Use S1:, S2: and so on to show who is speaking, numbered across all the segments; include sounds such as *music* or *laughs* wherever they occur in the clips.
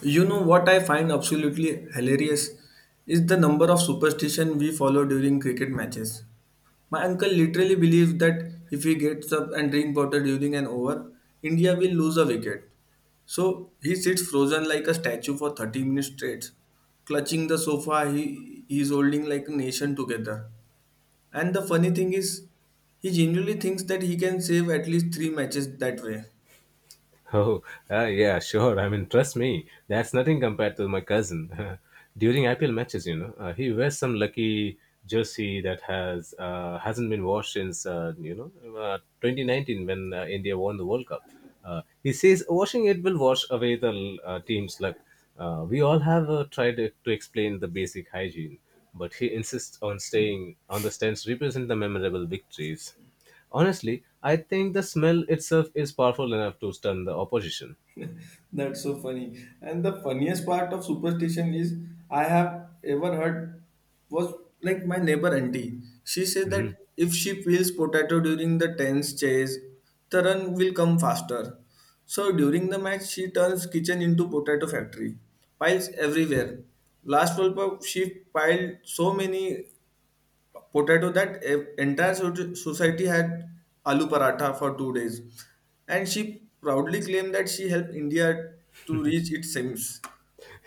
S1: You know what I find absolutely hilarious is the number of superstition we follow during cricket matches. My uncle literally believes that if he gets up and drink water during an over, India will lose a wicket. So he sits frozen like a statue for 30 minutes straight, clutching the sofa he is holding like a nation together. And the funny thing is, he genuinely thinks that he can save at least three matches that way.
S2: *laughs* Oh, yeah, sure. I mean, trust me, that's nothing compared to my cousin. *laughs* During IPL matches, he wears some lucky jersey that hasn't been washed since 2019 when India won the World Cup. He says washing it will wash away the team's luck. We all have tried to explain the basic hygiene, but he insists on staying on the stands to represent the memorable victories. Honestly, I think the smell itself is powerful enough to stun the opposition.
S1: That's so funny. And the funniest part of superstition is I have ever heard was like my neighbor auntie. She said that if she peels potato during the tense chase, the run will come faster. So during the match, she turns kitchen into potato factory. Piles everywhere. Last World Cup, she piled so many potato that entire society had aloo paratha for 2 days, and she proudly claimed that she helped India to reach its aims.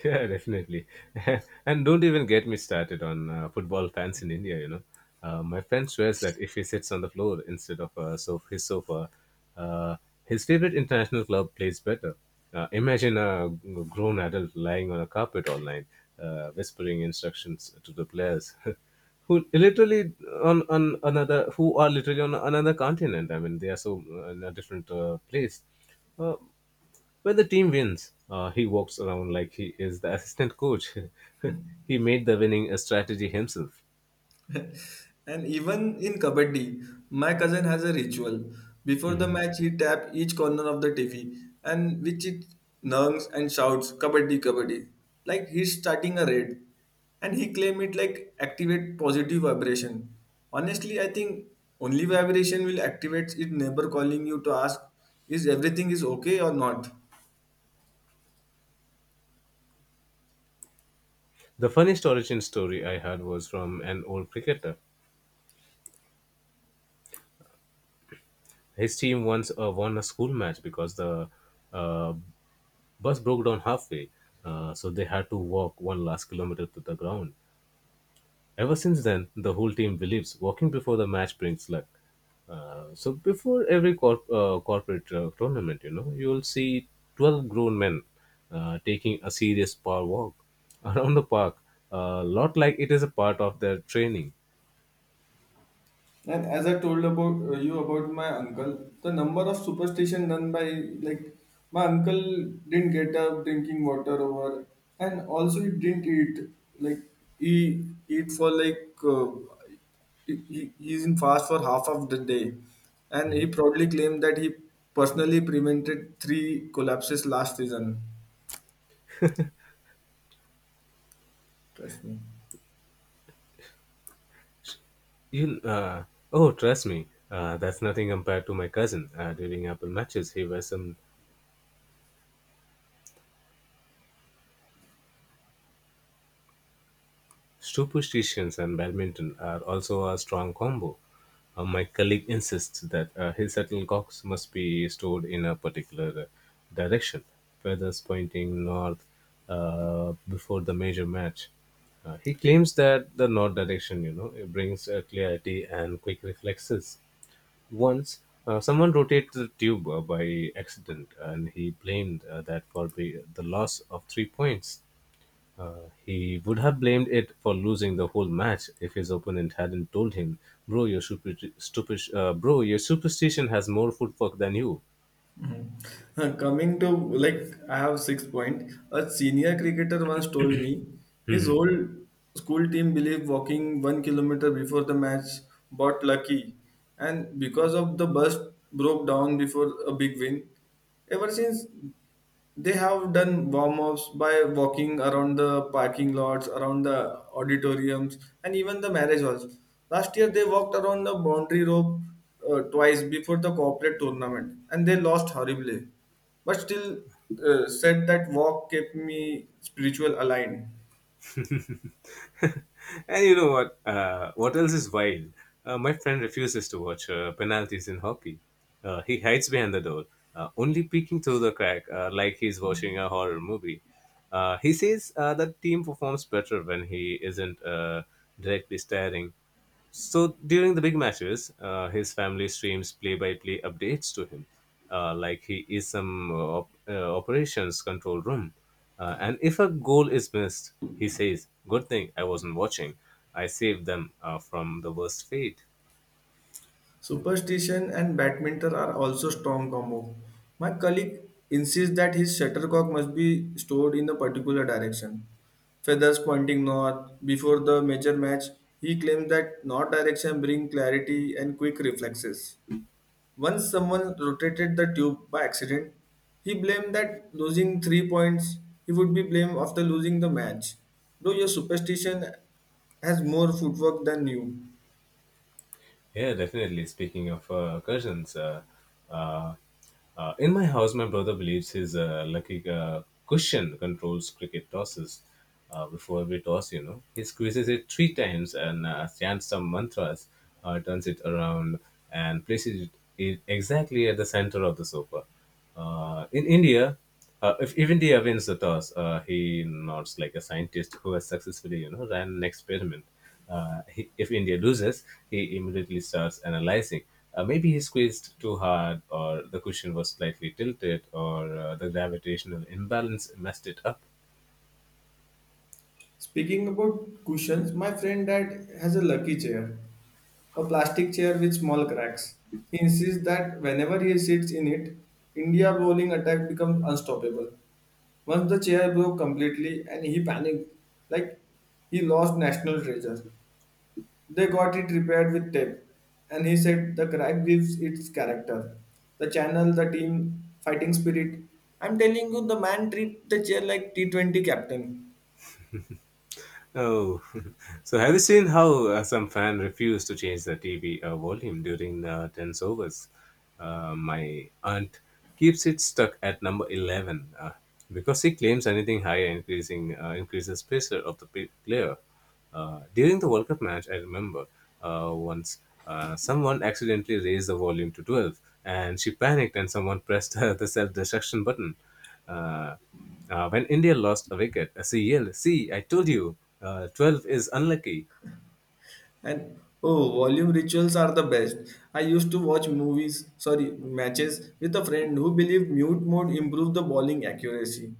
S2: Yeah, definitely. *laughs* And don't even get me started on football fans in India, you know. My friend swears that if he sits on the floor instead of his sofa, uh, his favorite international club plays better. Imagine a grown adult lying on a carpet all night, whispering instructions to the players, *laughs* who literally who are literally on another continent. I mean, they are in a different place. Uh, when the team wins, he walks around like he is the assistant coach. *laughs* He made the winning strategy himself.
S1: And even in kabaddi, my cousin has a ritual. Before the
S2: Mhm.
S1: match, he tap each corner of the TV and which it numbs and shouts kabaddi kabaddi like he's starting a raid. And he claim it like activate positive vibration. Honestly, I think only vibration will activate it. Neighbor calling you to ask is everything is okay or not.
S2: The funniest origin story I heard was from an old cricketer. His team once won a school match because the uh, bus broke down halfway, so they had to walk 1 last kilometer to the ground. Ever since then, the whole team believes walking before the match brings luck. So before every corporate tournament, you know, you will see 12 grown men taking a serious power walk *laughs* around the park, a lot like it is a part of their training.
S1: And as I told about you about my uncle, the number of superstition done by like my uncle didn't get up drinking water over, and also he didn't eat like he eat for like he's in fast for half of the day, and he
S2: Mhm.
S1: proudly claimed that he personally prevented three collapses last season. Trust me.
S2: You, uh, oh, trust me, that's nothing compared to my cousin. During Apple matches, he wears some superstitions. And badminton are also a strong combo. My colleague insists that his shuttlecocks must be stored in a particular direction, feathers pointing north before the major match. He claims that the north direction, you know, it brings clarity and quick reflexes. Once, someone rotated the tube by accident, and he blamed that for the loss of 3 points. He would have blamed it for losing the whole match if his opponent hadn't told him, "Bro, your bro, your superstition has more footwork than you."
S1: *laughs* Coming to like I have six point. A senior cricketer once told me his whole school team believed walking 1 kilometer before the match got lucky, and because of the bus broke down before a big win. Ever since they have done warm ups by walking around the parking lots, around the auditoriums, and even the marriage halls. Last year, they walked around the boundary rope twice before the corporate tournament, and they lost horribly. But still, said that walk kept me spiritual aligned.
S2: And you know what? What else is wild? My friend refuses to watch penalties in hockey. He hides behind the door, only peeking through the crack like he's watching a horror movie. He says that team performs better when he isn't directly staring. So during the big matches, his family streams play-by-play updates to him, like he is some operations control room. And if a goal is missed, he says, "Good thing I wasn't watching. I saved them from the worst fate."
S1: Superstition and badminton are also strong combo. My colleague insists that his shuttlecock must be stored in a particular direction. Feathers pointing north before the major match, he claims that north direction brings clarity and quick reflexes. Once someone rotated the tube by accident, he blamed that losing 3 points, he would be blamed after losing the match. Though your superstition has more footwork than you.
S2: Yeah, definitely. Speaking of cousins, uh, in my house, my brother believes his lucky cushion controls cricket tosses. Before every toss, you know, he squeezes it 3 times and chants some mantras, turns it around, and places it exactly at the center of the sofa. In India, if India wins the toss, he nods like a scientist who has successfully, you know, ran an experiment. If India loses, he immediately starts analyzing. Maybe he squeezed too hard, or the cushion was slightly tilted, or the gravitational imbalance messed it up.
S1: Speaking about cushions, my friend dad has a lucky chair, a plastic chair with small cracks. He insists that whenever he sits in it, India bowling attack becomes unstoppable. Once the chair broke completely and he panicked, like he lost national treasure. They got it repaired with tape, and he said the crack gives its character. The channel, the team, fighting spirit. I'm telling you, the man treat the chair like T20 captain.
S2: Oh, *laughs* so have you seen how some fan refused to change the TV volume during tense overs? My aunt keeps it stuck at number 11 because she claims anything higher increasing increases pressure of the player. During the World Cup match, I remember once someone accidentally raised the volume to 12, and she panicked, and someone pressed *laughs* the self-destruction button. Uh, when India lost a wicket, she yelled, "See, I told you, 12 is unlucky."
S1: And oh, volume rituals are the best. I used to watch movies, sorry, matches with a friend who believed mute mode improved the bowling accuracy.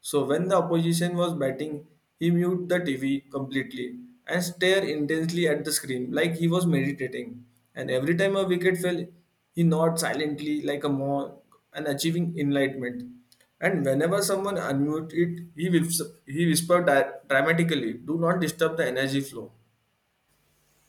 S1: So when the opposition was batting, he mute the TV completely and stare intensely at the screen like he was meditating. And every time a wicket fell, he nodded silently like a monk and achieving enlightenment. And whenever someone unmute it, he whispered dramatically, "Do not disturb the energy flow."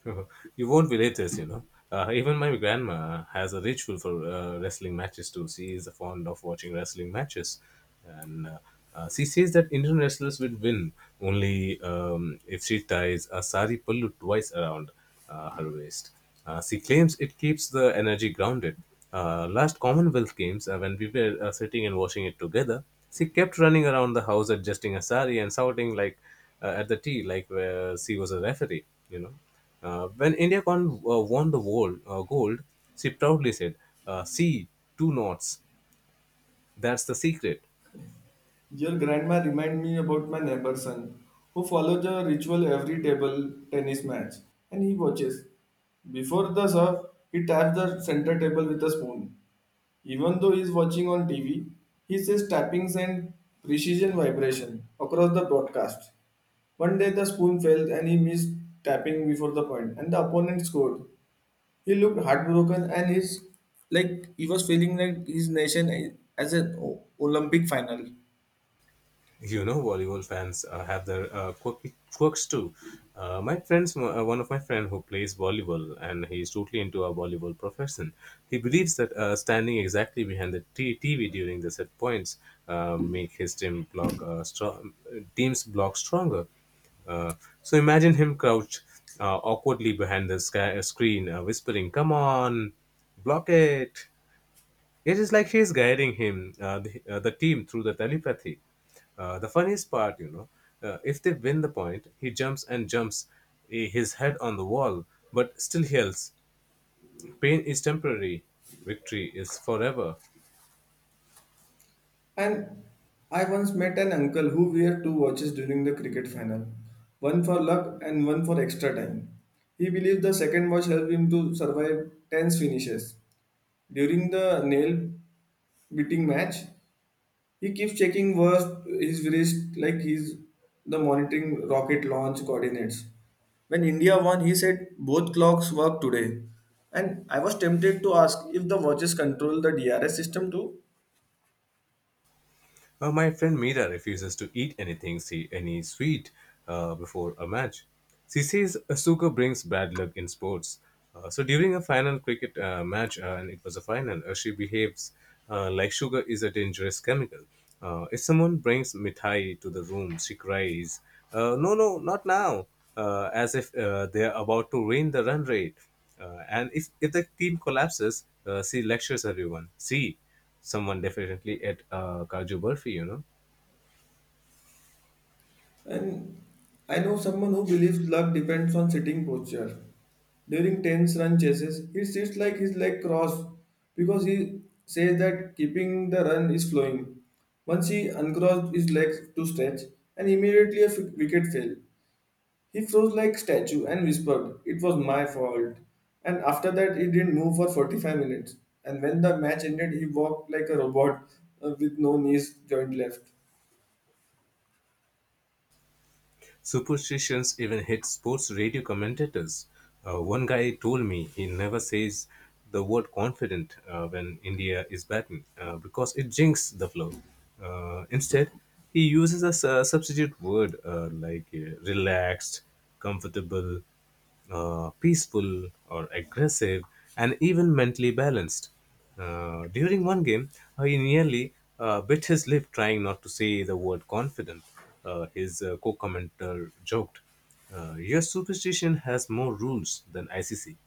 S2: *laughs* You won't believe this, you know. Even my grandma has a ritual for wrestling matches too. She is fond of watching wrestling matches, and she says that Indian wrestlers will win only if she ties a sari pallu twice around her waist. She claims it keeps the energy grounded. Last Commonwealth Games, when we were sitting and watching it together, she kept running around the house adjusting a sari and shouting like at the tea, like where she was a referee, you know, when India won the world, gold, she proudly said, "See, 2 knots, that's the secret."
S1: Your grandma remind me about my neighbor's son, who follows a ritual every table tennis match, and he watches. Before the serve, he taps the center table with a spoon. Even though he's watching on TV, he says tappings and precision vibration across the broadcast. One day the spoon fell and he missed tapping before the point, and the opponent scored. He looked heartbroken and he's like he was feeling like his nation as an Olympic final.
S2: You know, volleyball fans have their quirky quirks too. My friends One of my friend who plays volleyball and he's totally into our volleyball profession. He believes that standing exactly behind the TV during the set points make his team block strong team's block stronger. uh, so imagine him crouched awkwardly behind the screen, whispering, "Come on, block it." It is like she is guiding him, the team through the telepathy. The funniest part, you know, if they win the point, he jumps and jumps eh, his head on the wall, but still yells, "Pain is temporary, victory is forever."
S1: And I once met an uncle who wore two watches during the cricket final, one for luck and one for extra time. He believed the second watch helped him to survive tense finishes. During the nail beating match, he keeps checking his wrist like he's the monitoring rocket launch coordinates. When India won, he said both clocks work today. And I was tempted to ask if the watches control the DRS system too.
S2: My friend Mira refuses to eat anything, see any sweet before a match. She says sugar brings bad luck in sports. So during a final cricket match, and it was a final, she behaves like sugar is a dangerous chemical. If someone brings mithai to the room, she cries, "No, no, not now!" As if they're about to ruin the run rate. And if the team collapses, she lectures everyone. "See, someone definitely at Kaju Barfi, you know."
S1: And I know someone who believes luck depends on sitting posture. During tense run chases, he sits like his leg crossed because he says that keeping the run is flowing. Once he uncrossed his legs to stretch, and immediately a wicket fell. He froze like statue and whispered, "It was my fault." And after that, he didn't move for 45 minutes. And when the match ended, he walked like a robot with no knees joint left.
S2: Superstitions even hit sports radio commentators. One guy told me he never says the word confident when India is batting because it jinxes the flow. Instead, he uses a substitute word like relaxed, comfortable, peaceful or aggressive, and even mentally balanced. During one game, he nearly bit his lip trying not to say the word confident. Uh, his uh, co commentator joked, "Your superstition has more rules than ICC."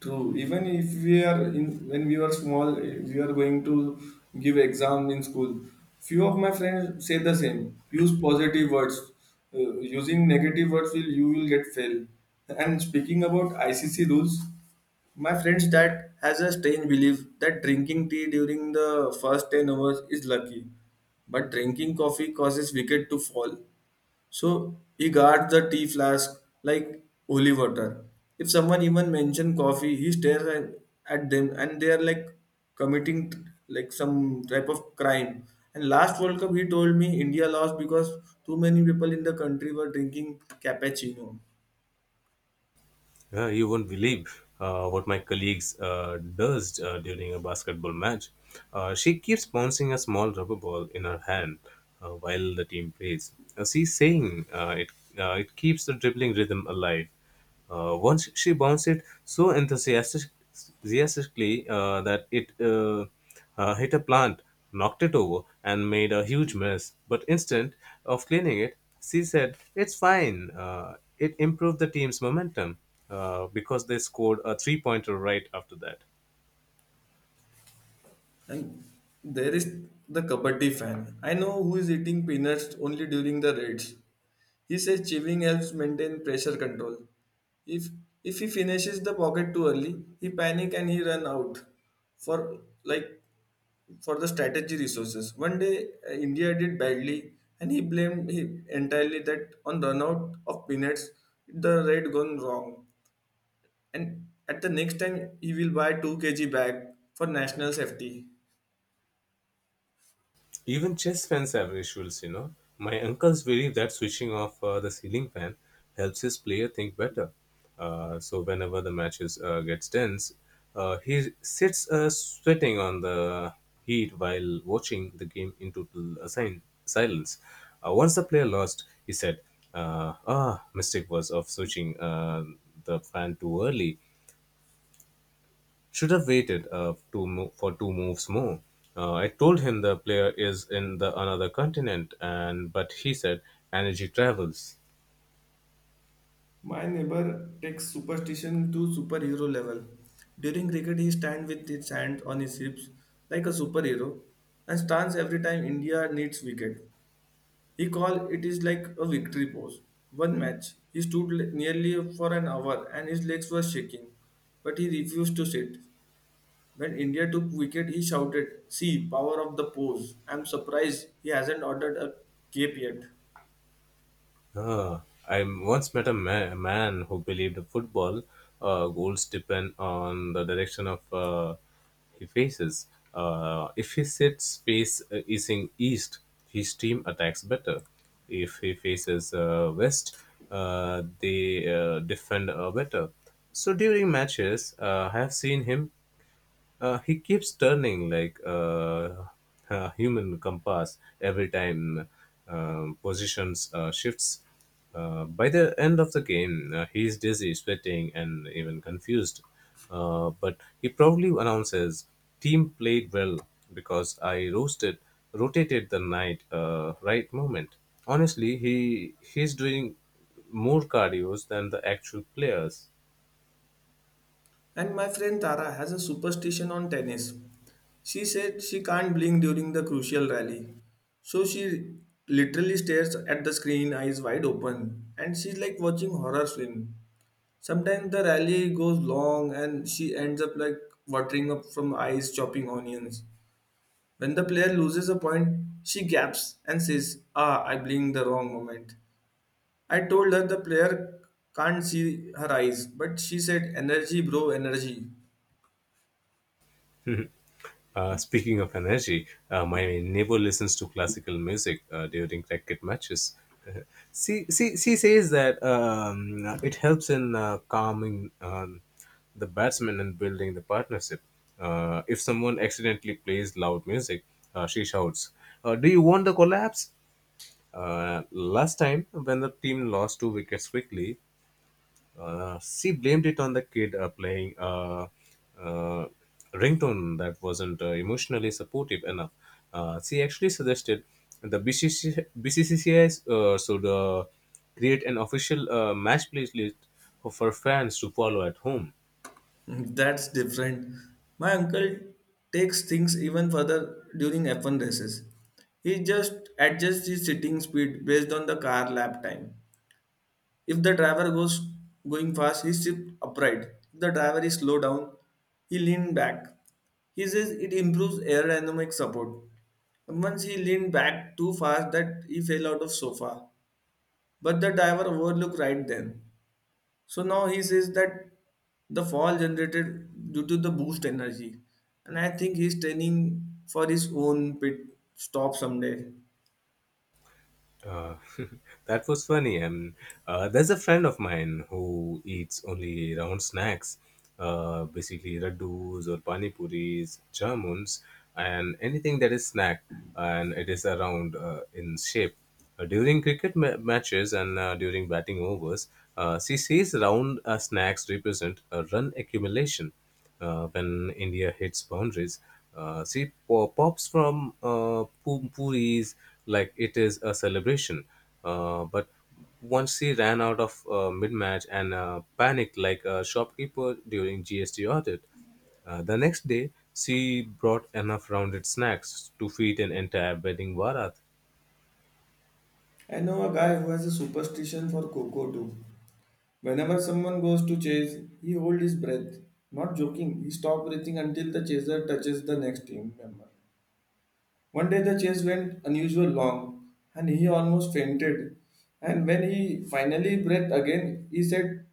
S1: True. Even if we are in when we were small, we are going to give exam in school. Few of my friends say the same. Use positive words. Using negative words will you will get fail. And speaking about ICC rules, my friend's dad has a strange belief that drinking tea during the first 10 hours is lucky, but drinking coffee causes wicket to fall. So he guards the tea flask like holy water. If someone even mention coffee, he stares at them and they are like committing like some type of crime. And last World Cup, he told me India lost because too many people in the country were drinking cappuccino.
S2: Yeah, you won't believe what my colleagues does during a basketball match. She keeps bouncing a small rubber ball in her hand while the team plays. She's saying it keeps the dribbling rhythm alive. Once she bounced it so enthusiastically that it hit a plant, knocked it over, and made a huge mess. But instead of cleaning it, she said, "It's fine. It improved the team's momentum because they scored a three pointer right after that."
S1: And there is the kabaddi fan. I know who is eating peanuts only during the raids. He says chewing helps maintain pressure control. If if he finishes the pocket too early, he panic and he run out for like for the strategy resources. One day India did badly and he blamed he entirely that on run out of peanuts the raid gone wrong. And at the next time he will buy 2 kg bag for national safety.
S2: Even chess fans have rituals, you know. My uncles believe that switching off the ceiling fan helps his player think better. So whenever the matches gets tense, he sits sweating on the heat while watching the game in total silence. Once the player lost, he said, "Ah, mistake was of switching the fan too early. Should have waited for 2 moves more. I told him the player is in the another continent, and but he said energy travels."
S1: My neighbor takes superstition to superhero level. During cricket, he stands with his hands on his hips like a superhero and stands every time India needs wicket. He call it is like a victory pose. One match, he stood nearly for an hour and his legs were shaking, but he refused to sit. When India took wicket, he shouted, "See, power of the pose! I'm surprised he hasn't ordered a cape yet."
S2: Ah, I once met a man who believed football goals depend on the direction of he faces. If he sits face is in east, his team attacks better. If he faces west, they defend better. So during matches, I have seen him he keeps turning like a human compass every time positions shifts. By the end of the game, he is dizzy, sweating, and even confused. But he proudly announces, "Team played well because I rotated the night right moment." Honestly, he's doing more cardios than the actual players.
S1: And my friend Tara has a superstition on tennis. She said she can't blink during the crucial rally. So she literally stares at the screen, eyes wide open, and she's like watching horror film. Sometimes the rally goes long and she ends up like watering up from eyes chopping onions. When the player loses a point, she gaps and says, "Ah, I blinked the wrong moment." I told her the player can't see her eyes, but she said, "Energy, bro, energy."
S2: *laughs* Speaking of energy, my neighbor listens to classical music during cricket matches. *laughs* She says that it helps in calming the batsman and building the partnership. If someone accidentally plays loud music, she shouts, "Do you want the collapse?" Last time, when the team lost 2 wickets quickly, she blamed it on the kid playing uh, ringtone that wasn't emotionally supportive enough. She actually suggested the BCCBCCI should create an official match playlist for fans to follow at home.
S1: That's different. My uncle takes things even further during F1 races. He just adjusts his sitting speed based on the car lap time. If the driver goes going fast, he sits upright. If the driver is slow down, he leans back. He says it improves aerodynamic support. Once he leaned back too fast that he fell out of sofa. But the driver overlooked right then. So now he says that the fall generated due to the boost energy. And I think he's training for his own pit stop someday.
S2: Uh, *laughs* that was funny. And there's a friend of mine who eats only round snacks, basically laddus or pani puris, jamuns, and anything that is snack and it is around in shape. During cricket matches and during batting overs, she says round snacks represent a run accumulation when India hits boundaries. She pops from puris like it is a celebration, but once she ran out of mid-match and panicked like a shopkeeper during GST audit. The next day, she brought enough rounded snacks to feed an entire wedding barat.
S1: I know a guy who has a superstition for cocoa too. Whenever someone goes to chase, he holds his breath. Not joking, he stops breathing until the chaser touches the next team member. One day the chase went unusual long, and he almost fainted. And when he finally breathed again, he said,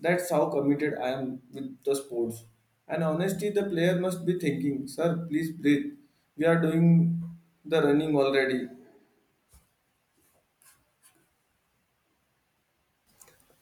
S1: "That's how committed I am with the sports." And honestly, the player must be thinking, "Sir, please breathe. We are doing the running already."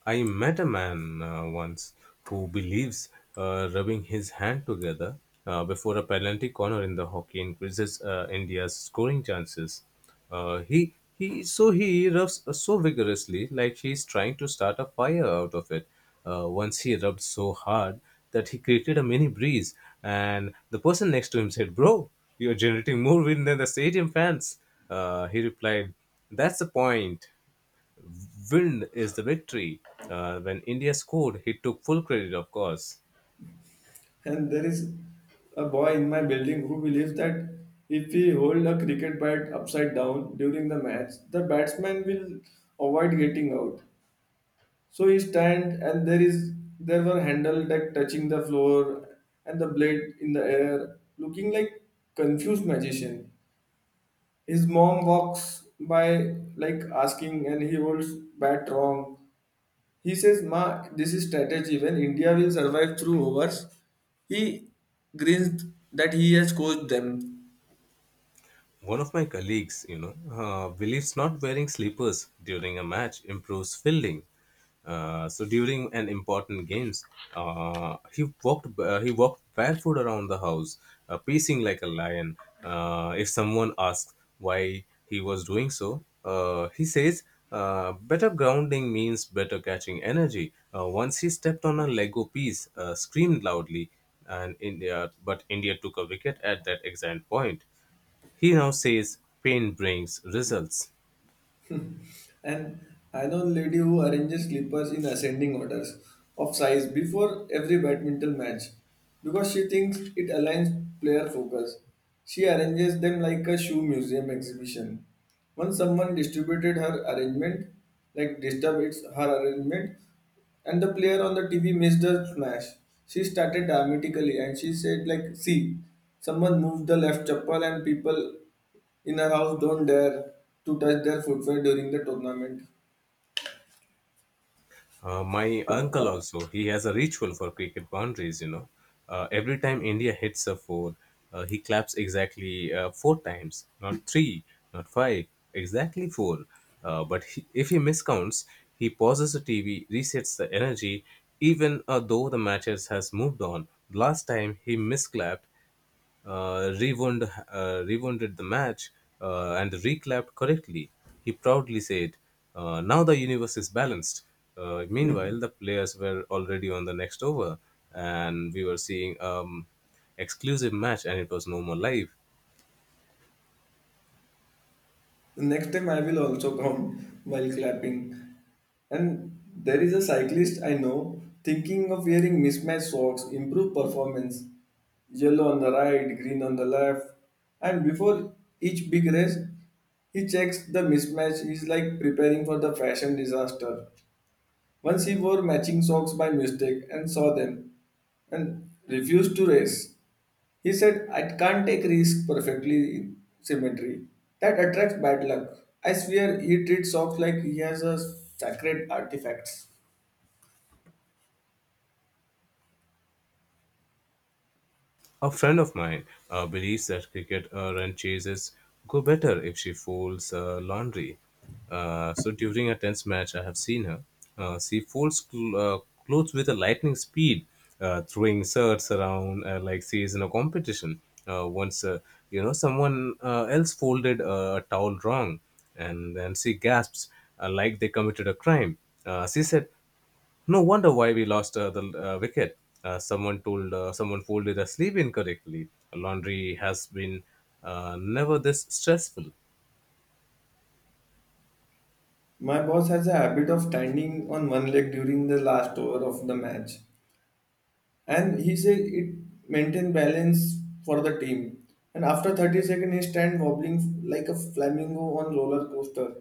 S2: I met a man once who believes rubbing his hand together before a penalty corner in the hockey increases India's scoring chances. He so he rubs so vigorously like he is trying to start a fire out of it. Once he rubbed so hard that he created a mini breeze, and the person next to him said, "Bro, you're generating more wind than the stadium fans." He replied, "That's the point." Win is the victory. When India scored, he took full credit, of course.
S1: And there is a boy in my building who believes that if we hold a cricket bat upside down during the match, the batsman will avoid getting out. So he stand and there were handle that touching the floor and the blade in the air, looking like confused magician. His mom walks by like asking and he holds bat wrong. He says, "Ma, this is strategy." When India will survive through overs, he grins that he has coached them.
S2: One of my colleagues, you know, believes not wearing slippers during a match improves fielding. So during an important games, uh, he walked barefoot around the house, pacing like a lion. If someone asks why he was doing so, he says, "Better grounding means better catching energy." Once he stepped on a Lego piece, screamed loudly, and India took a wicket at that exact point. He now says pain brings results.
S1: *laughs* And I know lady who arranges slippers in ascending orders of size before every badminton match because she thinks it aligns player focus. She arranges them like a shoe museum exhibition. Once someone distributed her arrangement, like disturbed its her arrangement, and the player on the TV missed the smash. She started dramatically and she said like, "See, someone moved the left chappal," and people in our house don't dare to touch their footwear during the tournament.
S2: My uncle also, he has a ritual for cricket boundaries, you know. Every time India hits a four, he claps exactly four times, not three, not five, exactly four. But if he miscounts, he pauses the TV, resets the energy, even though the matches has moved on. Last time he misclapped uh, rewounded the match and reclapped correctly. He proudly said, now the universe is balanced. Meanwhile, the players were already on the next over, and we were seeing exclusive match, and it was no more live.
S1: The next time I will also *laughs* come while clapping. And there is a cyclist I know thinking of wearing mismatched socks, improve performance. Yellow on the right, green on the left. And before each big race, he checks the mismatch. He's like preparing for the fashion disaster. Once he wore matching socks by mistake and saw them and refused to race. He said, I can't take risk perfectly in symmetry. That attracts bad luck. I swear he treats socks like he has a sacred artifacts.
S2: A friend of mine believes that cricket run chases go better if she folds laundry. So during a tense match, I have seen her. She folds clothes with a lightning speed, throwing shirts around like she is in a competition. Once you know someone else folded a towel wrong, and then she gasps like they committed a crime. She said, no wonder why we lost the wicket. Uh, someone folded a sleeve incorrectly. Laundry has been never this stressful.
S1: My boss has a habit of standing on one leg during the last over of the match. And he says it maintains balance for the team. And after 30 seconds, he stands wobbling like a flamingo on roller coaster.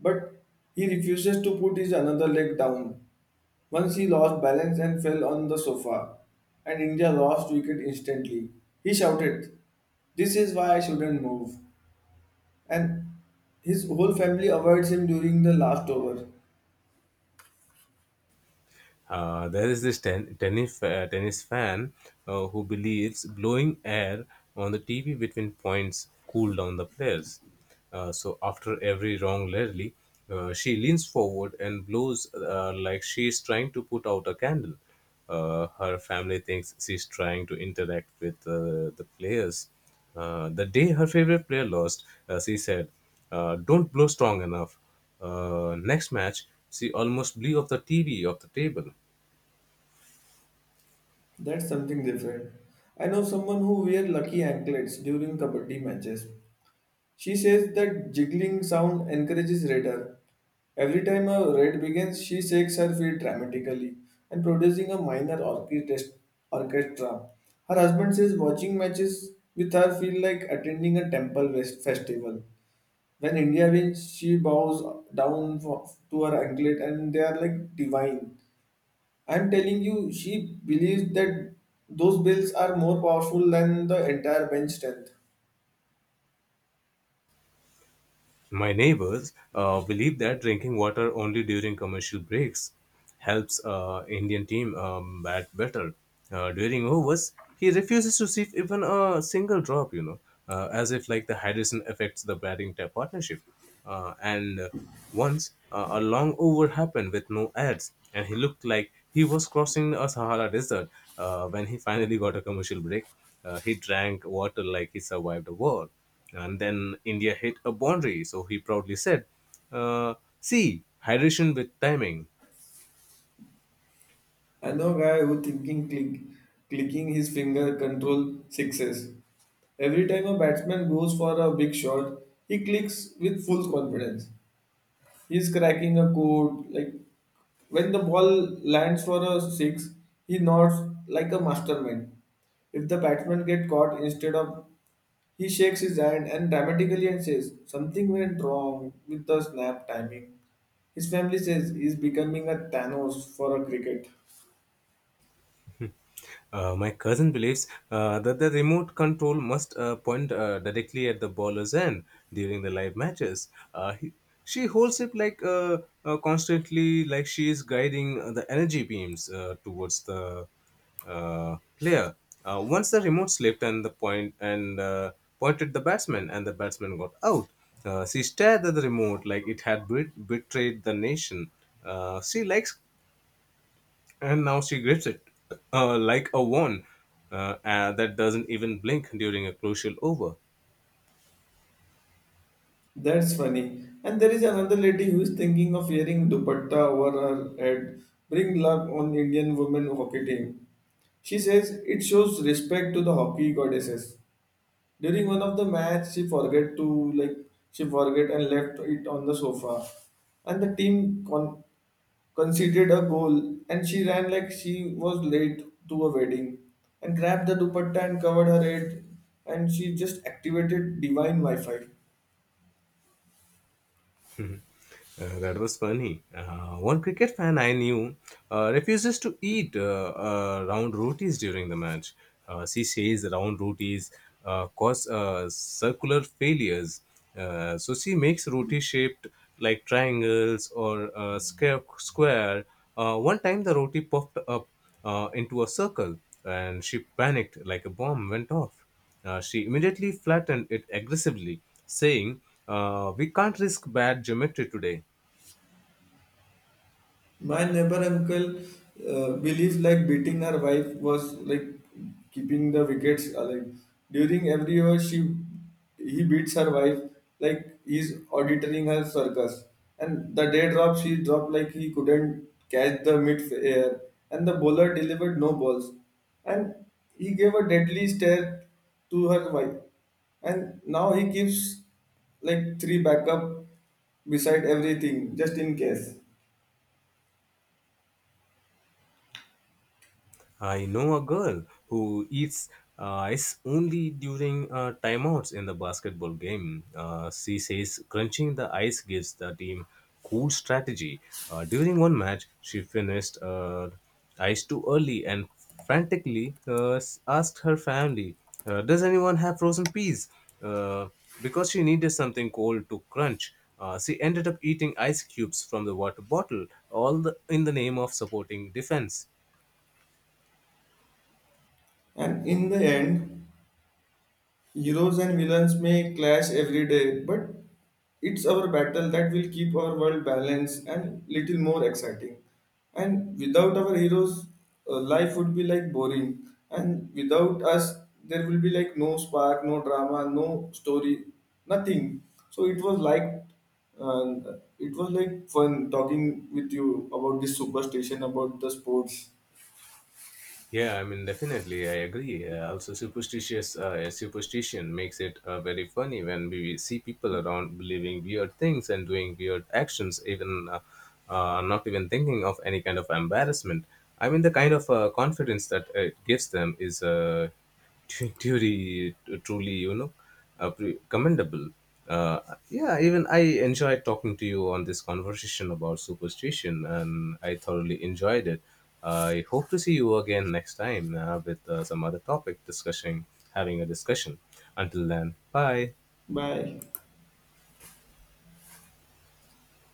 S1: But he refuses to put his another leg down. Once he lost balance and fell on the sofa, and India lost wicket instantly. He shouted, This is why I shouldn't move. And his whole family avoids him during the last over.
S2: There is this tennis fan who believes blowing air on the TV between points cool down the players. So after every wrong rally, she leans forward and blows like she is trying to put out a candle. Her family thinks she's trying to interact with the players. The day her favorite player lost, she said, don't blow strong enough. Next match, she almost blew off the TV off the table.
S1: That's something different. I know someone who wear lucky anklets during kabaddi matches. She says that jiggling sound encourages radar. Every time a raid begins, she shakes her feet dramatically and producing a minor orchestra. Her husband says watching matches with her feel like attending a temple festival. When India wins, she bows down for, to her anklet and they are like divine. I'm telling you, she believes that those bills are more powerful than the entire bench strength.
S2: My neighbors believe that drinking water only during commercial breaks helps Indian team bat better. During overs, he refuses to sip even a single drop, you know, as if like the hydration affects the batting partnership. And once a long over happened with no ads, and he looked like he was crossing a Sahara desert when he finally got a commercial break. He drank water like he survived a war. And then India hit a boundary, so he proudly said, uh, see, hydration with timing.
S1: I know a guy who thinking clicking his finger control sixes. Every time a batsman goes for a big shot, he clicks with full confidence. He's cracking a code. Like when the ball lands for a six, he nods like a mastermind. If the batsman get caught instead of he shakes his hand and dramatically and says something went wrong with the snap timing. His family says he's becoming a Thanos for a cricket.
S2: My cousin believes that the remote control must point directly at the bowler's end during the live matches. Uh, he, she holds it like constantly, like she is guiding the energy beams towards the player. Once the remote slipped and the point and pointed the batsman, and the batsman got out. She stared at the remote like it had betrayed the nation. She likes and now she grips it like a wand that doesn't even blink during a crucial over.
S1: That's funny. And there is another lady who is thinking of wearing dupatta over her head. Bring luck on Indian women hockey team. She says it shows respect to the hockey goddesses. During one of the match, she forget and left it on the sofa, and the team conceded a goal. And she ran like she was late to a wedding, and grabbed the dupatta and covered her head, and she just activated divine Wi-Fi.
S2: That was funny. One cricket fan I knew refuses to eat round rotis during the match. She says round rotis cause circular failures. So she makes roti shaped like triangles or square. One time the roti puffed up into a circle and she panicked like a bomb went off. She immediately flattened it aggressively, saying, we can't risk bad geometry today.
S1: My neighbor uncle believes like beating her wife was like keeping the wickets alive. During every over, she he beats her wife like he's auditing her circus. And the day drop, she dropped like he couldn't catch the mid air, and the bowler delivered no balls, and he gave a deadly stare to her wife. And now he keeps like three backup beside everything just in case.
S2: I know a girl who eats ice only during timeouts in the basketball game. She says crunching the ice gives the team cool strategy. During one match, she finished ice too early and frantically asked her family, does anyone have frozen peas? Uh, because she needed something cold to crunch. She ended up eating ice cubes from the water bottle, all the, in the name of supporting defense.
S1: And in the end, heroes and villains may clash every day, but it's our battle that will keep our world balanced and little more exciting. And without our heroes, life would be like boring. And without us, there will be like no spark, no drama, no story, nothing. So uh, it was like fun talking with you about this superstition, about the sports.
S2: Yeah, I mean, definitely, I agree. Also, superstitious superstition makes it very funny when we see people around believing weird things and doing weird actions, even not even thinking of any kind of embarrassment. I mean, the kind of confidence that it gives them is. *laughs* Truly, truly, you know, commendable. Uh, yeah, even I enjoyed talking to you on this conversation about superstition, and I thoroughly enjoyed it. I hope to see you again next time with some other topic discussing, having a discussion. Until then, bye.
S1: Bye.